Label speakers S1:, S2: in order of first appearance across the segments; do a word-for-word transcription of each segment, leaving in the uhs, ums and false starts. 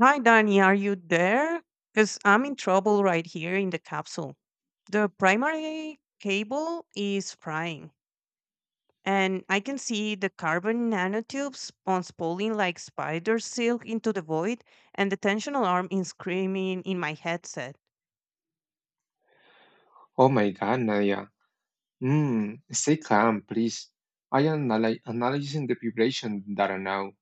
S1: Hi, Danny, are you there? Because I'm in trouble right here in the capsule. The primary cable is frying, and I can see the carbon nanotubes unspooling like spider silk into the void, and the tension alarm is screaming in my headset.
S2: Oh my God, Nadia. Mm, stay calm, please. I am analy- analyzing the vibration data now,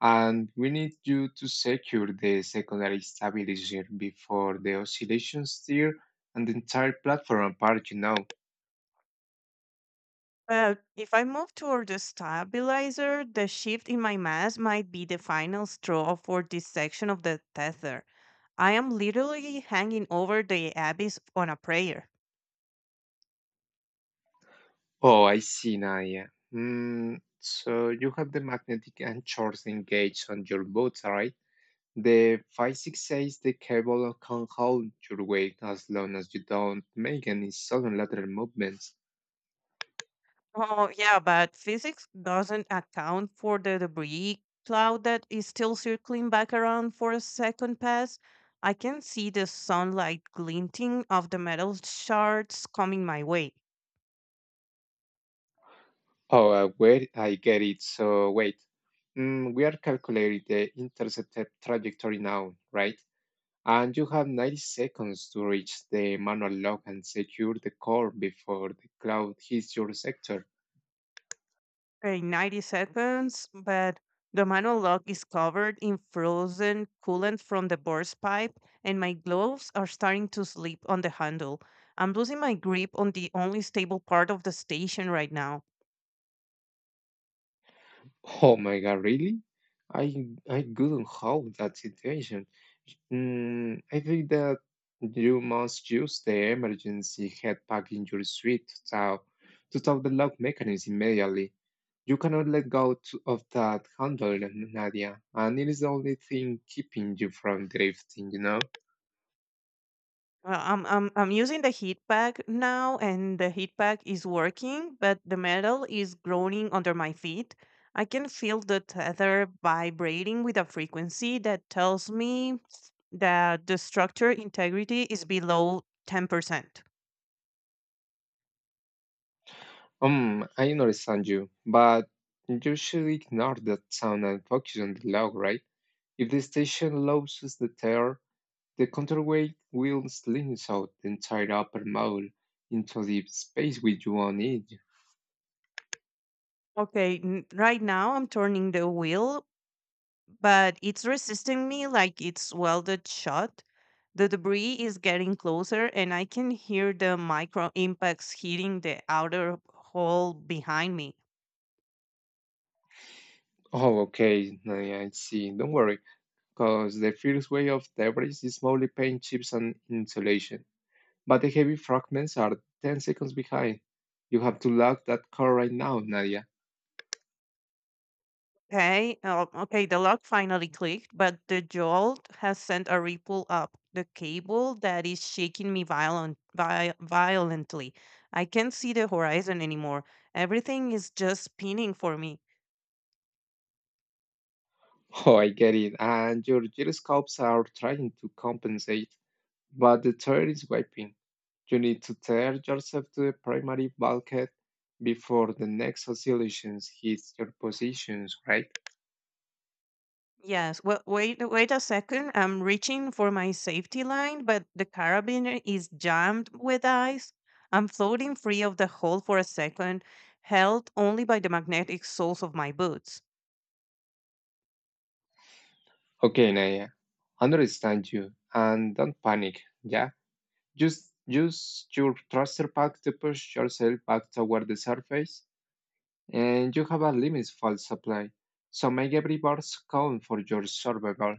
S2: and we need you to secure the secondary stabilizer before the oscillation steer and the entire platform apart, you know.
S1: But if I move toward the stabilizer, the shift in my mass might be the final straw for this section of the tether. I am literally hanging over the abyss on a prayer.
S2: Oh, I see, Nadia. Hmm, so you have the magnetic and shorts engaged on your boat, right? The five six says the cable can hold your weight as long as you don't make any sudden lateral movements.
S1: Oh, yeah, but physics doesn't account for the debris cloud that is still circling back around for a second pass. I can see the sunlight glinting of the metal shards coming my way.
S2: Oh, uh, wait, I get it. So wait, mm, we are calculating the intercepted trajectory now, right? And you have ninety seconds to reach the manual lock and secure the core before the cloud hits your sector.
S1: In ninety seconds, but the manual lock is covered in frozen coolant from the burst pipe, and my gloves are starting to slip on the handle. I'm losing my grip on the only stable part of the station right now.
S2: Oh my God, really? I I couldn't hold that situation. Mm, I think that you must use the emergency head pack in your suite to tap to tap the lock mechanism immediately. You cannot let go to, of that handle, Nadia, and it is the only thing keeping you from drifting, you know?
S1: Well, I'm I'm I'm using the heat pack now, and the heat pack is working, but the metal is groaning under my feet. I can feel the tether vibrating with a frequency that tells me that the structure integrity is below ten percent.
S2: Um, I understand you, but you should ignore that sound and focus on the log, right? If the station loses the terror, the counterweight will slingshot the entire upper maul into the space with you on it.
S1: Okay, n- right now I'm turning the wheel, but it's resisting me like it's welded shut. The debris is getting closer, and I can hear the micro impacts hitting the outer hull behind me.
S2: Oh, okay, I I see. Don't worry, because the first wave of debris is mostly paint chips and insulation, but the heavy fragments are ten seconds behind. You have to lock that core right now, Nadia.
S1: Okay, uh, okay, the lock finally clicked, but the jolt has sent a ripple up the cable that is shaking me violent, vi- violently. I can't see the horizon anymore. Everything is just spinning for me.
S2: Oh, I get it. And your gyroscopes are trying to compensate, but the tire is wiping. You need to tear yourself to the primary bulkhead before the next oscillation hits your positions, right?
S1: Yes. Well, wait, wait a second. I'm reaching for my safety line, but the carabiner is jammed with ice. I'm floating free of the hole for a second, held only by the magnetic soles of my boots.
S2: Okay, Naya, understand you and don't panic, yeah? Just use your thruster pack to push yourself back toward the surface, and you have a limited fuel supply, so make every burst count for your survival.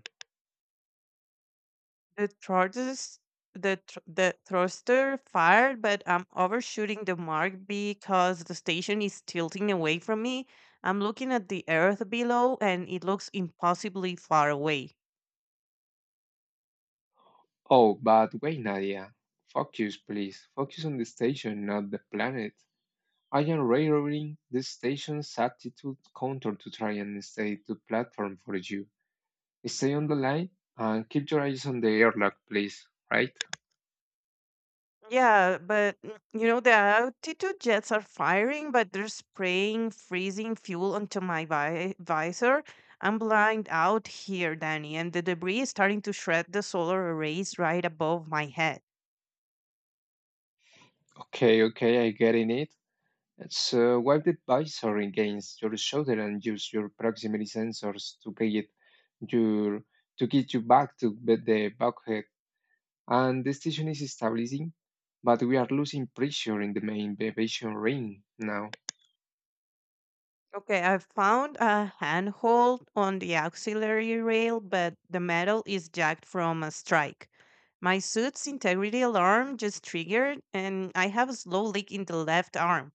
S1: The tortoise, the tr- The thruster fired, but I'm overshooting the mark because the station is tilting away from me. I'm looking at the earth below, and it looks impossibly far away.
S2: Oh, but wait, Nadia. Focus, please. Focus on the station, not the planet. I am relaying the station's attitude counter to try and stay the platform for you. Stay on the line and keep your eyes on the airlock, please. Right?
S1: Yeah, but mm, you know, the altitude jets are firing, but they're spraying freezing fuel onto my vi visor. I'm blind out here, Danny, and the debris is starting to shred the solar arrays right above my head.
S2: Okay, okay, I get in it. So wipe the visor against your shoulder and use your proximity sensors to get your to get you back to be- the bulkhead. And the station is stabilizing, but we are losing pressure in the main aviation ring now.
S1: Okay, I found a handhold on the auxiliary rail, but the metal is jagged from a strike. My suit's integrity alarm just triggered, and I have a slow leak in the left arm.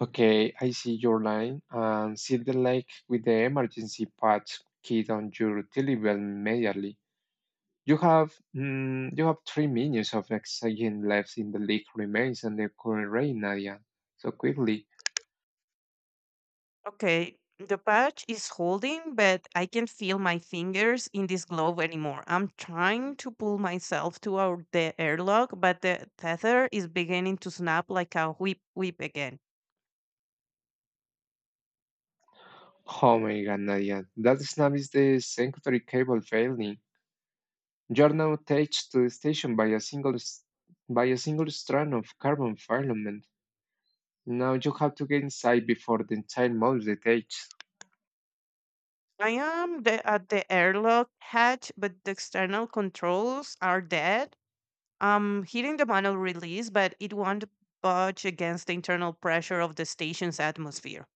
S2: Okay, I see your line. And see the lake with the emergency patch kit on your delivery immediately. You have mm, you have three minutes of oxygen left in the leak remains and the current rate, Nadia. So quickly.
S1: Okay, the patch is holding, but I can't feel my fingers in this glove anymore. I'm trying to pull myself to our the airlock, but the tether is beginning to snap like a whip whip again.
S2: Oh my God, Nadia. That snap is the secondary cable failing. You're now attached to the station by a single s- by a single strand of carbon filament. Now you have to get inside before the entire mold detaches.
S1: I am the, at the airlock hatch, but the external controls are dead. Um, hitting the manual release, but it won't budge against the internal pressure of the station's atmosphere.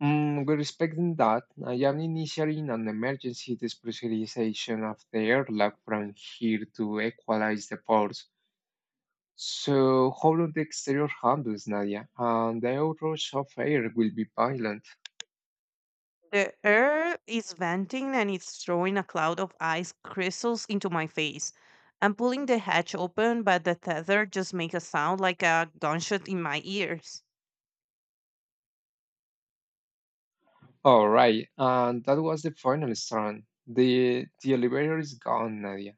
S2: Mm, with respect in that, I am initiating an emergency despressurizationization of the airlock from here to equalize the force. So, how will the exterior handles, Nadia? And the outrush of air will be violent.
S1: The air is venting and it's throwing a cloud of ice crystals into my face. I'm pulling the hatch open, but the tether just makes a sound like a gunshot in my ears.
S2: All right, and that was the final strand. The, the elevator is gone, Nadia,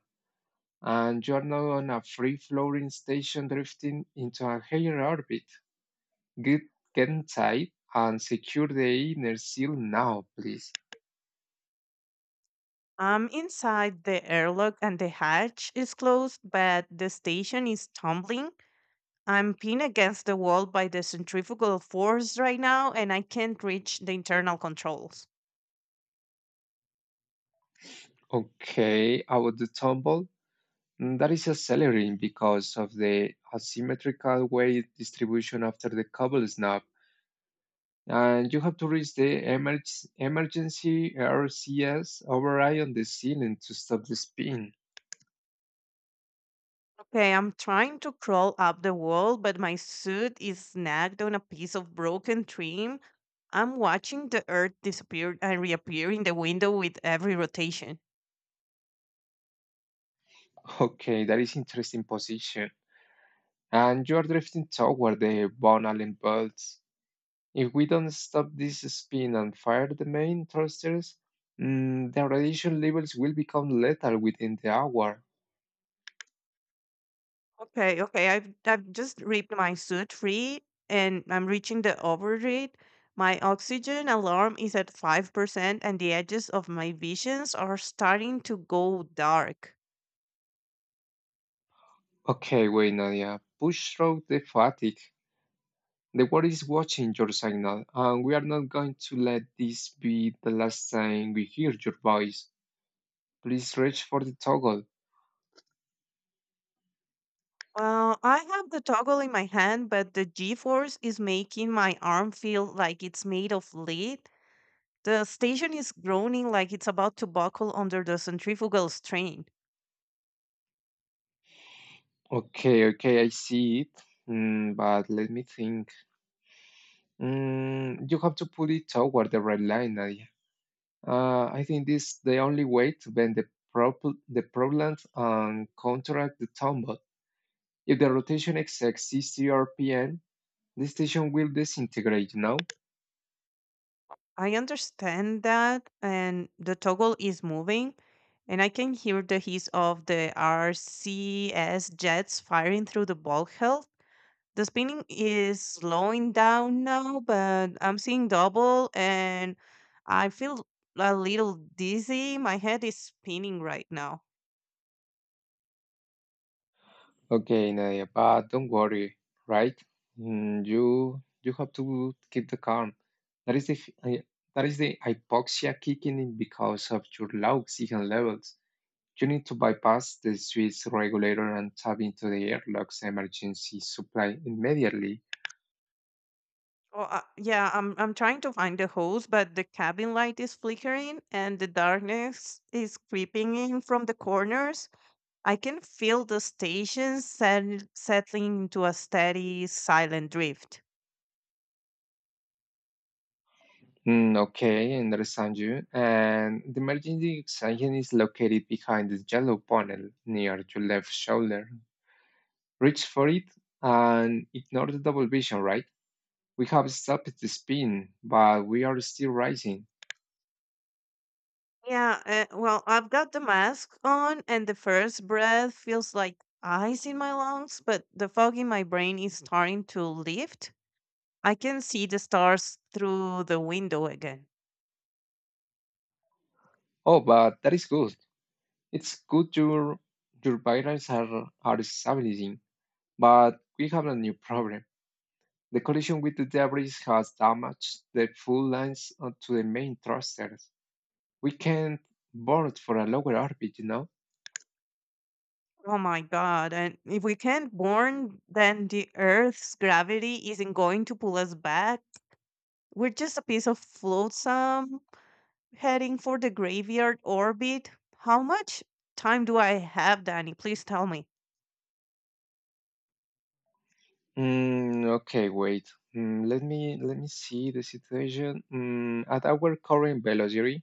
S2: and you are now on a free floating station drifting into a higher orbit. Get, get inside and secure the inner seal now, please.
S1: I'm inside the airlock and the hatch is closed, but the station is tumbling. I'm pinned against the wall by the centrifugal force right now, and I can't reach the internal controls.
S2: Okay, about the tumble, mm, that is accelerating because of the asymmetrical weight distribution after the cobble snap, and you have to reach the emerg- emergency R C S override on the ceiling to stop the spin.
S1: Okay, I'm trying to crawl up the wall, but my suit is snagged on a piece of broken trim. I'm watching the earth disappear and reappear in the window with every rotation.
S2: Okay, that is interesting position, and you are drifting toward the Von Allen belt. If we don't stop this spin and fire the main thrusters, mm, the radiation levels will become lethal within the hour.
S1: Okay, okay, I've, I've just ripped my suit free and I'm reaching the overheat. My oxygen alarm is at five percent, and the edges of my visions are starting to go dark.
S2: Okay, wait, Nadia. Push through the fatigue. The world is watching your signal, and we are not going to let this be the last time we hear your voice. Please reach for the toggle.
S1: Well, I have the toggle in my hand, but the G-force is making my arm feel like it's made of lead. The station is groaning like it's about to buckle under the centrifugal strain.
S2: Okay, okay, I see it. Mm, but let me think. Mm, you have to put it toward the red line, Nadia. Uh, I think this is the only way to bend the, prob- the propellant and counteract the tumble. If the rotation exceeds sixty R P M, the station will disintegrate, no?
S1: I understand that, and the toggle is moving, and I can hear the hiss of the R C S jets firing through the ball health. The spinning is slowing down now, but I'm seeing double, and I feel a little dizzy. My head is spinning right now.
S2: Okay, Nadia, but don't worry, right? Mm, you you have to keep the calm. That is the f- I- that is the hypoxia kicking in because of your low oxygen levels. You need to bypass the Swiss regulator and tap into the airlock's emergency supply immediately.
S1: Oh, uh, yeah, I'm I'm trying to find the hose, but the cabin light is flickering, and the darkness is creeping in from the corners. I can feel the station set- settling into a steady, silent drift.
S2: Mm, okay, I understand you. And the emergency extension is located behind the yellow panel near your left shoulder. Reach for it and ignore the double vision, right? We have stopped the spin, but we are still rising.
S1: Yeah, uh, well, I've got the mask on, and the first breath feels like ice in my lungs, but the fog in my brain is starting to lift. I can see the stars through the window again.
S2: Oh, but that is good. It's good your your pipelines are are stabilizing, but we have a new problem. The collision with the debris has damaged the full lines uh, to the main thrusters. We can't board for a lower orbit, you know.
S1: Oh my God. And if we can't burn, then the Earth's gravity isn't going to pull us back. We're just a piece of flotsam heading for the graveyard orbit. How much time do I have, Danny? Please tell me.
S2: Mm, okay, wait. Mm, let me let me see the situation. Mm, at our current velocity,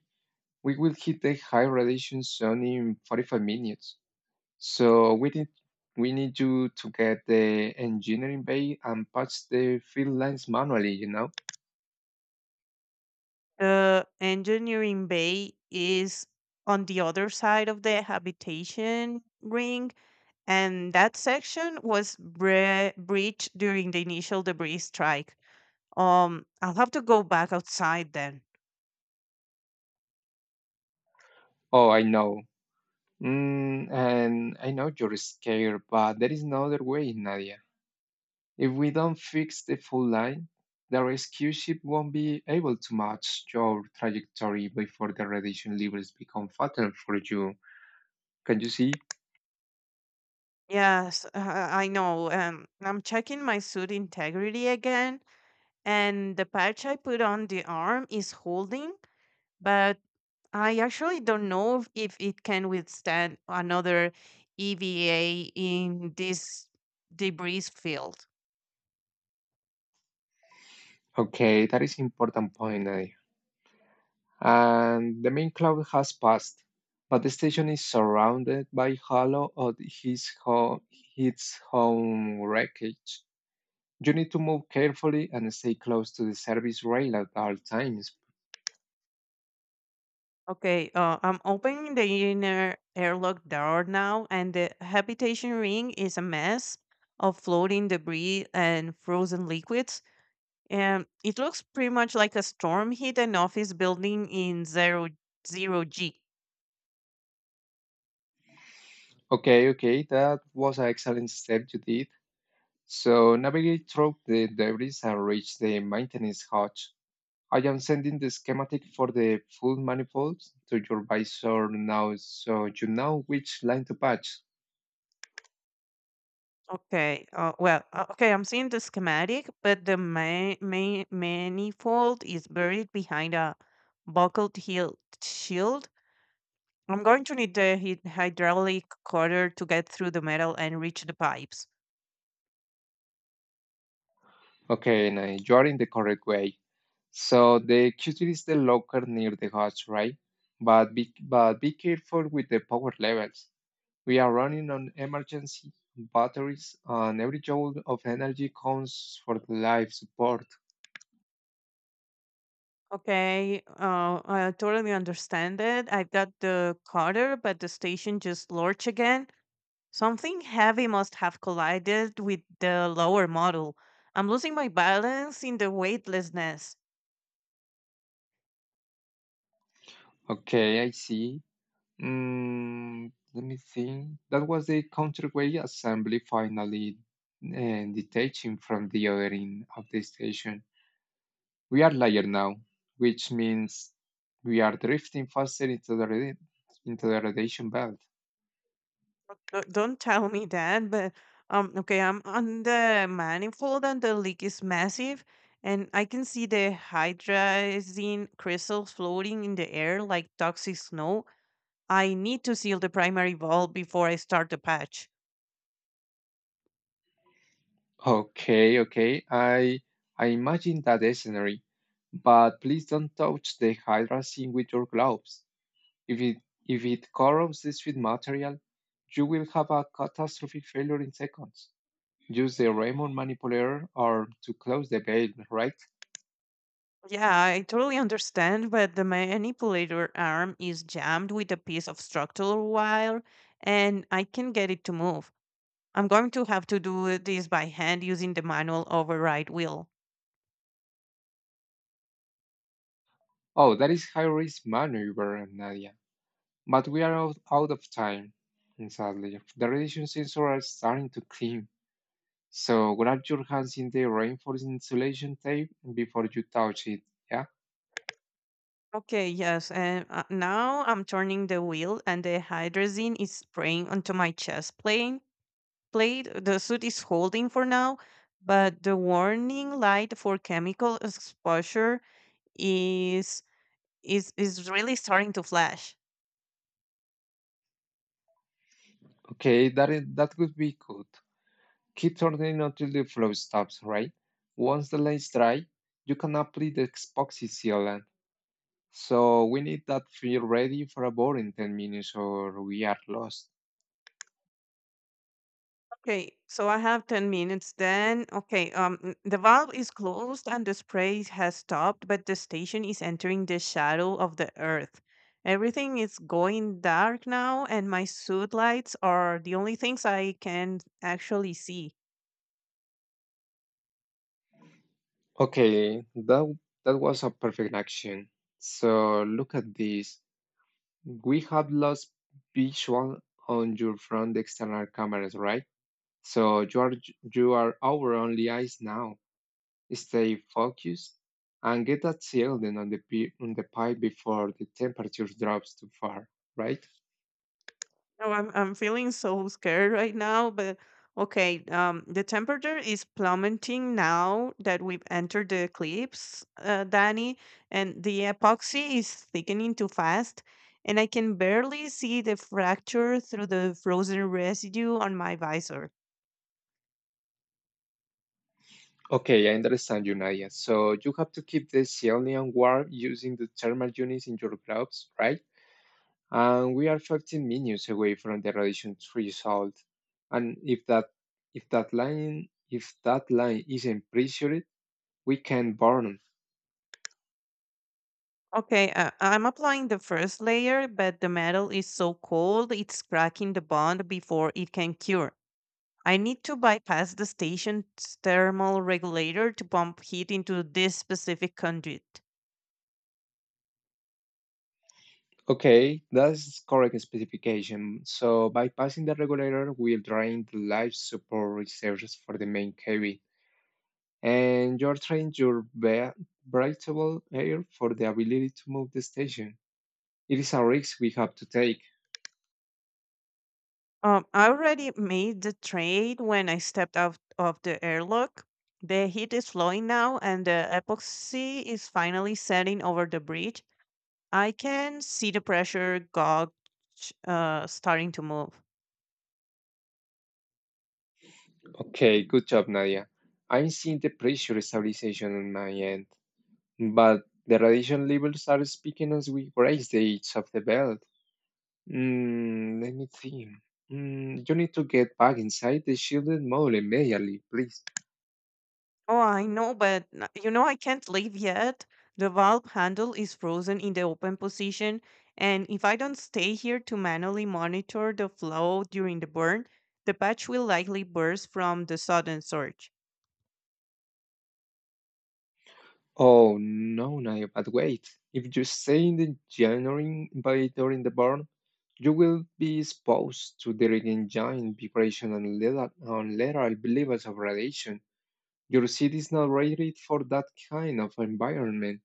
S2: we will hit the high radiation zone in forty-five minutes. So we need we need you to get the engineering bay and patch the field lines manually, you know?
S1: The engineering bay is on the other side of the habitation ring, and that section was bre- breached during the initial debris strike. Um, I'll have to go back outside then.
S2: Oh, I know. Mm, and I know you're scared, but there is no other way, Nadia. If we don't fix the full line, the rescue ship won't be able to match your trajectory before the radiation levels become fatal for you. Can you see?
S1: Yes, uh, I know. Um, I'm checking my suit integrity again, and the patch I put on the arm is holding, but I actually don't know if it can withstand another E V A in this debris field.
S2: Okay, that is important point, eh? And the main cloud has passed, but the station is surrounded by halo of his, ho- its own wreckage. You need to move carefully and stay close to the service rail at all times.
S1: Okay, uh, I'm opening the inner airlock door now, and the habitation ring is a mess of floating debris and frozen liquids. Um, it looks pretty much like a storm hit an office building in zero zero G.
S2: Okay, okay, that was an excellent step you did. So navigate through the debris and reach the maintenance hatch. I am sending the schematic for the full manifold to your visor now so you know which line to patch.
S1: Okay. Uh, well, uh, okay. I'm seeing the schematic, but the ma- ma- manifold is buried behind a buckled heel shield. I'm going to need the hy- hydraulic cutter to get through the metal and reach the pipes.
S2: Okay, and uh, you are in the correct way. So the q T is the locker near the hatch, right? But be, but be careful with the power levels. We are running on emergency batteries and every joule of energy counts for the life support.
S1: Okay, uh, I totally understand it. I've got the cutter, but the station just lurch again. Something heavy must have collided with the lower model. I'm losing my balance in the weightlessness.
S2: Okay, I see. Mm, let me think. That was the counterweight assembly finally uh, detaching from the other end of the station. We are lighter now, which means we are drifting faster into the radi- into the radiation belt.
S1: D- don't tell me that, but um, okay, I'm on the manifold and the leak is massive, and I can see the hydrazine crystals floating in the air like toxic snow. I need to seal the primary valve before I start the patch.
S2: Okay, okay. I I imagine that scenario, but please don't touch the hydrazine with your gloves. If it if it corrodes this sweet material, you will have a catastrophic failure in seconds. Use the Raymond manipulator or to close the gate, right?
S1: Yeah, I totally understand, but the manipulator arm is jammed with a piece of structural wire and I can get it to move. I'm going to have to do this by hand using the manual override wheel.
S2: Oh, that is high risk maneuver, Nadia. But we are out, out of time, sadly. The radiation sensor are starting to clean. So grab your hands in the reinforced insulation tape before you touch it. Yeah.
S1: Okay, yes. And uh, now I'm turning the wheel, and the hydrazine is spraying onto my chest plane plate. uh, The suit is holding for now, but the warning light for chemical exposure is is is really starting to flash.
S2: Okay, that is, that could be good. Keep turning until the flow stops, right? Once the lace dry, you can apply the epoxy sealant. So we need that feel ready for a board in ten minutes or we are lost.
S1: Okay, so I have ten minutes then. Okay, um, n- the valve is closed and the spray has stopped, but the station is entering the shadow of the earth. Everything is going dark now, and my suit lights are the only things I can actually see.
S2: Okay, that that was a perfect action. So look at this. We have lost visual on your front external cameras, right? So you are you are our only eyes now. Stay focused and get that shielding on the pi- on the pipe before the temperature drops too far, right?
S1: Oh, I'm I'm feeling so scared right now, but okay, um the temperature is plummeting now that we've entered the eclipse, uh, Danny, and the epoxy is thickening too fast, and I can barely see the fracture through the frozen residue on my visor.
S2: Okay, I understand you, Nadia. So you have to keep the Ceolian warm using the thermal units in your gloves, right? And we are fifteen minutes away from the radiation threshold. And if that if that line if that line isn't pressured, we can burn.
S1: Okay, uh, I'm applying the first layer, but the metal is so cold it's cracking the bond before it can cure. I need to bypass the station's thermal regulator to pump heat into this specific conduit.
S2: Okay, that's correct specification. So bypassing the regulator will drain the life support reserves for the main cabin. And you're training your ba- breathable air for the ability to move the station. It is a risk we have to take.
S1: Um, I already made the trade when I stepped out of the airlock. The heat is flowing now, and the epoxy is finally setting over the bridge. I can see the pressure gauge uh, starting to move.
S2: Okay, good job, Nadia. I'm seeing the pressure stabilization on my end, but the radiation levels are speaking as we brace the edge of the belt. Mm, let me think. Mm, you need to get back inside the shielded mode immediately, please.
S1: Oh, I know, but n- you know, I can't leave yet. The valve handle is frozen in the open position, and if I don't stay here to manually monitor the flow during the burn, the patch will likely burst from the sudden surge.
S2: Oh no, Naya, but wait. If you stay in the genuine invader in the barn, you will be exposed to the engine vibration and lateral, and lateral levels of radiation. Your seed is not rated for that kind of environment.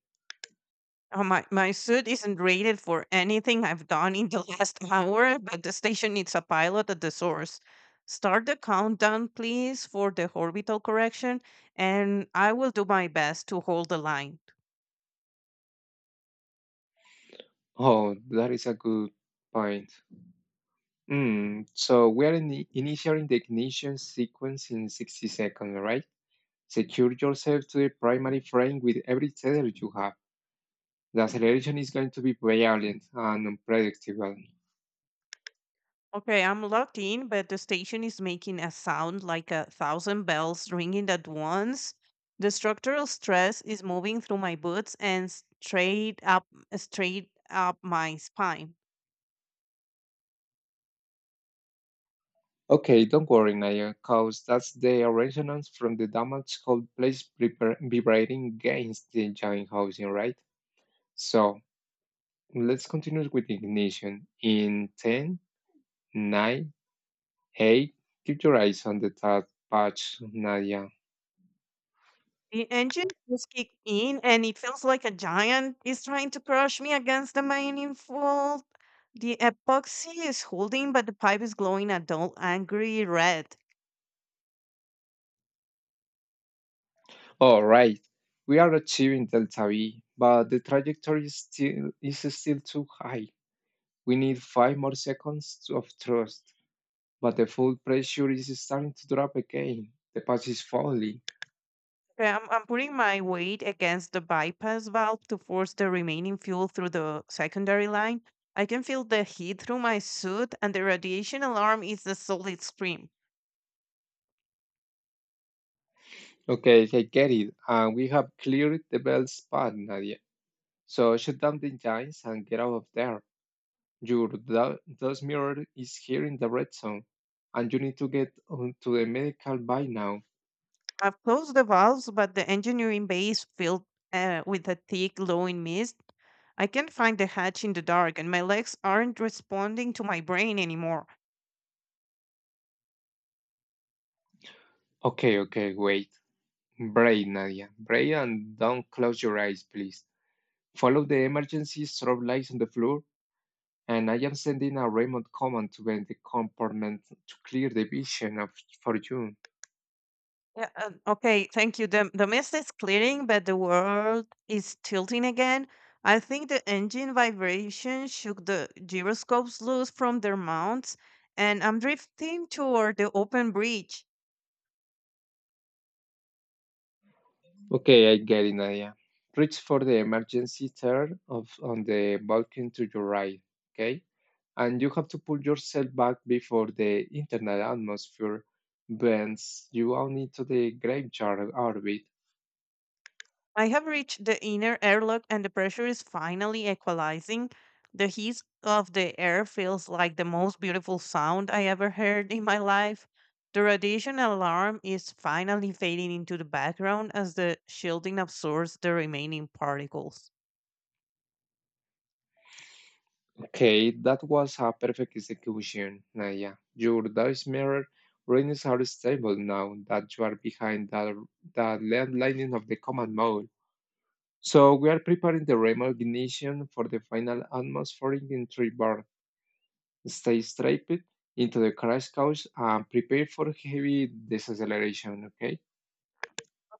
S1: Oh, my, my suit isn't rated for anything I've done in the last hour, but the station needs a pilot at the source. Start the countdown, please, for the orbital correction, and I will do my best to hold the line.
S2: Oh, that is a good point. Hmm, so we are in the initiating the ignition sequence in sixty seconds, right? Secure yourself to the primary frame with every tether you have. The acceleration is going to be violent and unpredictable.
S1: Okay, I'm logged in, but the station is making a sound like a thousand bells ringing at once. The structural stress is moving through my boots and straight up, straight up my spine.
S2: Okay, don't worry, Naya, cause that's the resonance from the damage cold plates vibra- vibrating against the giant housing, right? So let's continue with ignition. In ten, nine, eight, keep your eyes on the top patch, Naya.
S1: The engine just kicked in, and it feels like a giant is trying to crush me against the main fault. The epoxy is holding, but the pipe is glowing a dull, angry red.
S2: All right, we are achieving delta V, but the trajectory is still is still too high. We need five more seconds to- of thrust, but the full pressure is starting to drop again. The path is falling.
S1: Okay, I'm, I'm putting my weight against the bypass valve to force the remaining fuel through the secondary line. I can feel the heat through my suit, and the radiation alarm is a solid scream.
S2: Okay, I get it, and we have cleared the belt spot, Nadia. So shut down the engines and get out of there. Your da- dust mirror is here in the red zone, and you need to get on to the medical by now.
S1: I've closed the valves, but the engineering bay is filled uh, with a thick, glowing mist. I can't find the hatch in the dark, and my legs aren't responding to my brain anymore.
S2: Okay, okay, wait. Brave, Nadia. Brave and don't close your eyes, please. Follow the emergency strobe lights on the floor, and I am sending a remote command to the compartment to clear the vision of, for you.
S1: Yeah, um, okay, thank you. The, the mist is clearing, but the world is tilting again. I think the engine vibration shook the gyroscopes loose from their mounts, and I'm drifting toward the open bridge.
S2: Okay, I get it, Nadia. Reach for the emergency tear of, on the balcony to your right, okay? And you have to pull yourself back before the internal atmosphere bends you out into the graveyard orbit.
S1: I have reached the inner airlock and the pressure is finally equalizing. The hiss of the air feels like the most beautiful sound I ever heard in my life. The radiation alarm is finally fading into the background as the shielding absorbs the remaining particles.
S2: Okay, that was a perfect execution, Naya. Your dice mirror readings are stable now that you are behind the, the left lining of the command mode. So we are preparing the remote ignition for the final atmospheric entry bar. Stay straight into the crash couch and prepare for heavy deceleration, okay?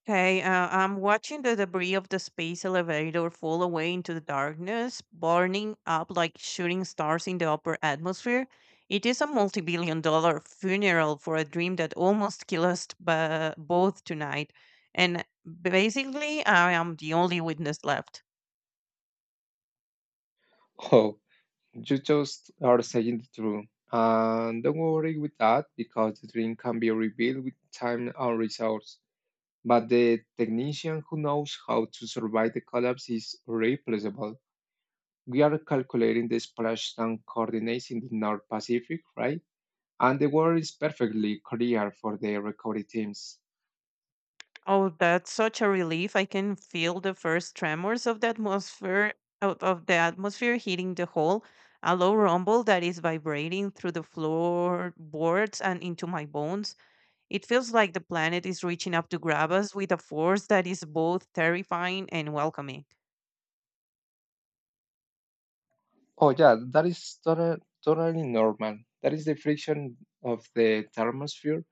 S1: Okay, uh, I'm watching the debris of the space elevator fall away into the darkness, burning up like shooting stars in the upper atmosphere. It is a multi billion dollar funeral for a dream that almost killed us bu- both tonight. And basically, I am the only witness left.
S2: Oh, you just are saying the truth. And don't worry with that because the dream can be rebuilt with time and resource. But the technician who knows how to survive the collapse is replaceable. We are calculating the splashdown coordinates in the North Pacific, right? And the world is perfectly clear for the recovery teams.
S1: Oh, that's such a relief. I can feel the first tremors of the atmosphere out of the atmosphere hitting the hole, a low rumble that is vibrating through the floorboards and into my bones. It feels like the planet is reaching up to grab us with a force that is both terrifying and welcoming.
S2: Oh yeah, that is total, totally normal. That is the friction of the thermosphere,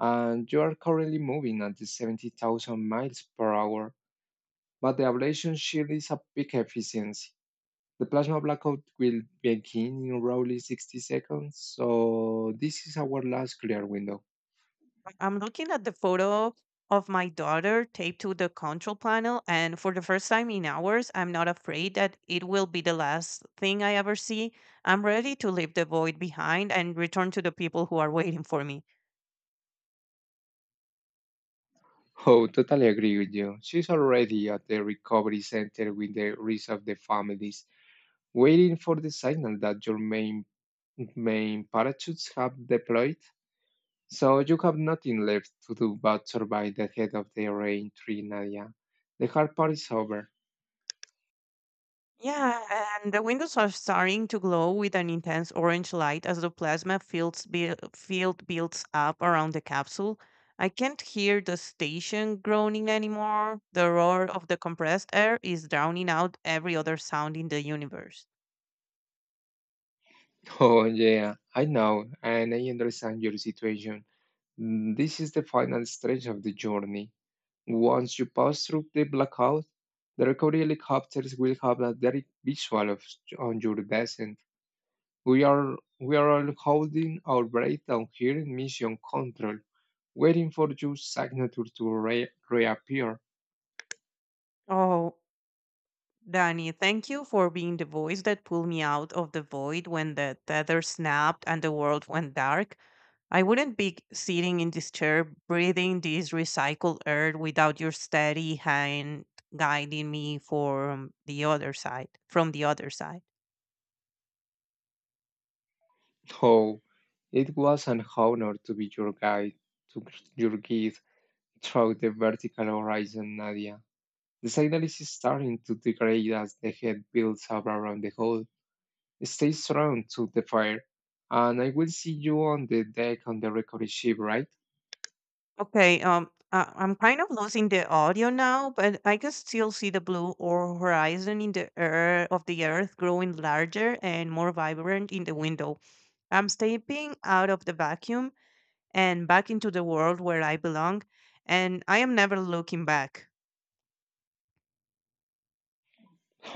S2: and you are currently moving at the seventy thousand miles per hour. But the ablation shield is a peak efficiency. The plasma blackout will begin in roughly sixty seconds, so this is our last clear window.
S1: I'm looking at the photo of my daughter taped to the control panel, and for the first time in hours, I'm not afraid that it will be the last thing I ever see. I'm ready to leave the void behind and return to the people who are waiting for me.
S2: Oh, totally agree with you. She's already at the recovery center with the rest of the families, waiting for the signal that your main main parachutes have deployed. So you have nothing left to do but survive the head of the rain tree, Nadia. The hard part is over.
S1: Yeah, and the windows are starting to glow with an intense orange light as the plasma fields buil- field builds up around the capsule. I can't hear the station groaning anymore. The roar of the compressed air is drowning out every other sound in the universe.
S2: Oh, yeah, I know, and I understand your situation. Mm, This is the final stretch of the journey. Once you pass through the blackout, the recovery helicopters will have a direct visual of on your descent. We are we are all holding our breath down here in mission control, waiting for your signature to re- reappear.
S1: Oh, Danny, thank you for being the voice that pulled me out of the void when the tether snapped and the world went dark. I wouldn't be sitting in this chair breathing this recycled air without your steady hand guiding me from the other side, from the other side.
S2: Oh, it was an honor to be your guide, to your guide through the vertical horizon, Nadia. The signal is starting to degrade as the head builds up around the hole. Stay strong to the fire, and I will see you on the deck on the recovery ship, right?
S1: Okay, um, I, I'm kind of losing the audio now, but I can still see the blue or horizon in the air of the earth growing larger and more vibrant in the window. I'm stepping out of the vacuum and back into the world where I belong, and I am never looking back.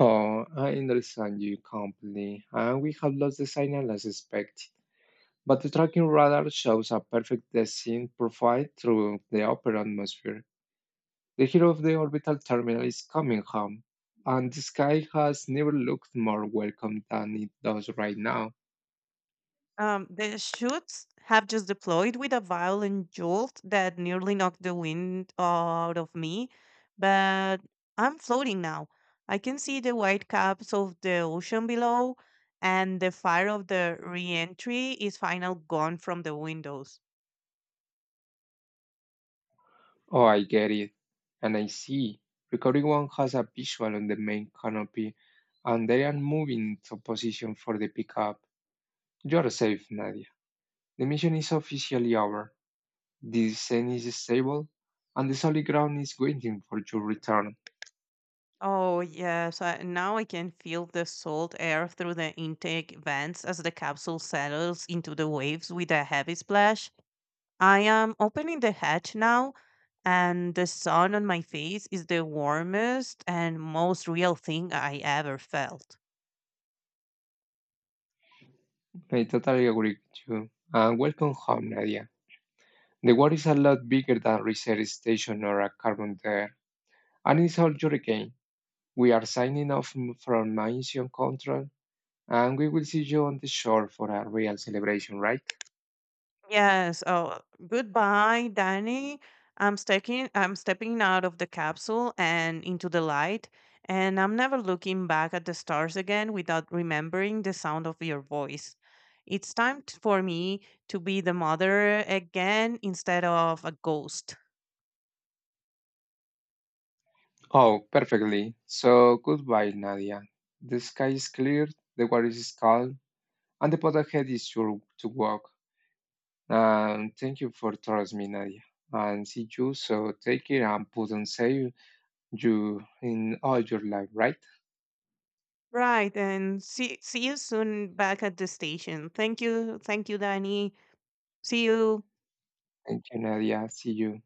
S2: Oh, I understand you completely, and we have lost the signal as expected. But the tracking radar shows a perfect descent profile through the upper atmosphere. The hero of the orbital terminal is coming home, and the sky has never looked more welcome than it does right now.
S1: Um, the shoots have just deployed with a violent jolt that nearly knocked the wind out of me, but I'm floating now. I can see the white caps of the ocean below, and the fire of the re-entry is final gone from the windows.
S2: Oh, I get it. And I see. Recording One has a visual on the main canopy, and they are moving to position for the pickup. You're safe, Nadia. The mission is officially over. The descent is stable, and the solid ground is waiting for your return.
S1: Oh, yes, I, now I can feel the salt air through the intake vents as the capsule settles into the waves with a heavy splash. I am opening the hatch now and the sun on my face is the warmest and most real thing I ever felt.
S2: I totally agree with you. And welcome home, Nadia. The world is a lot bigger than research station or a carbon there. And it's all your game. We are signing off from Mission Control, and we will see you on the shore for a real celebration, right?
S1: Yes. Oh, goodbye, Danny. I'm stepping. I'm stepping out of the capsule and into the light, and I'm never looking back at the stars again without remembering the sound of your voice. It's time t- for me to be the mother again instead of a ghost.
S2: Oh, perfectly. So goodbye, Nadia. The sky is clear, the water is calm, and the path ahead is sure to walk. And thank you for trusting me, Nadia. And see you, so take care and put on save you in all your life, right?
S1: Right, and see see you soon back at the station. Thank you, thank you, Danny. See you.
S2: Thank you, Nadia. See you.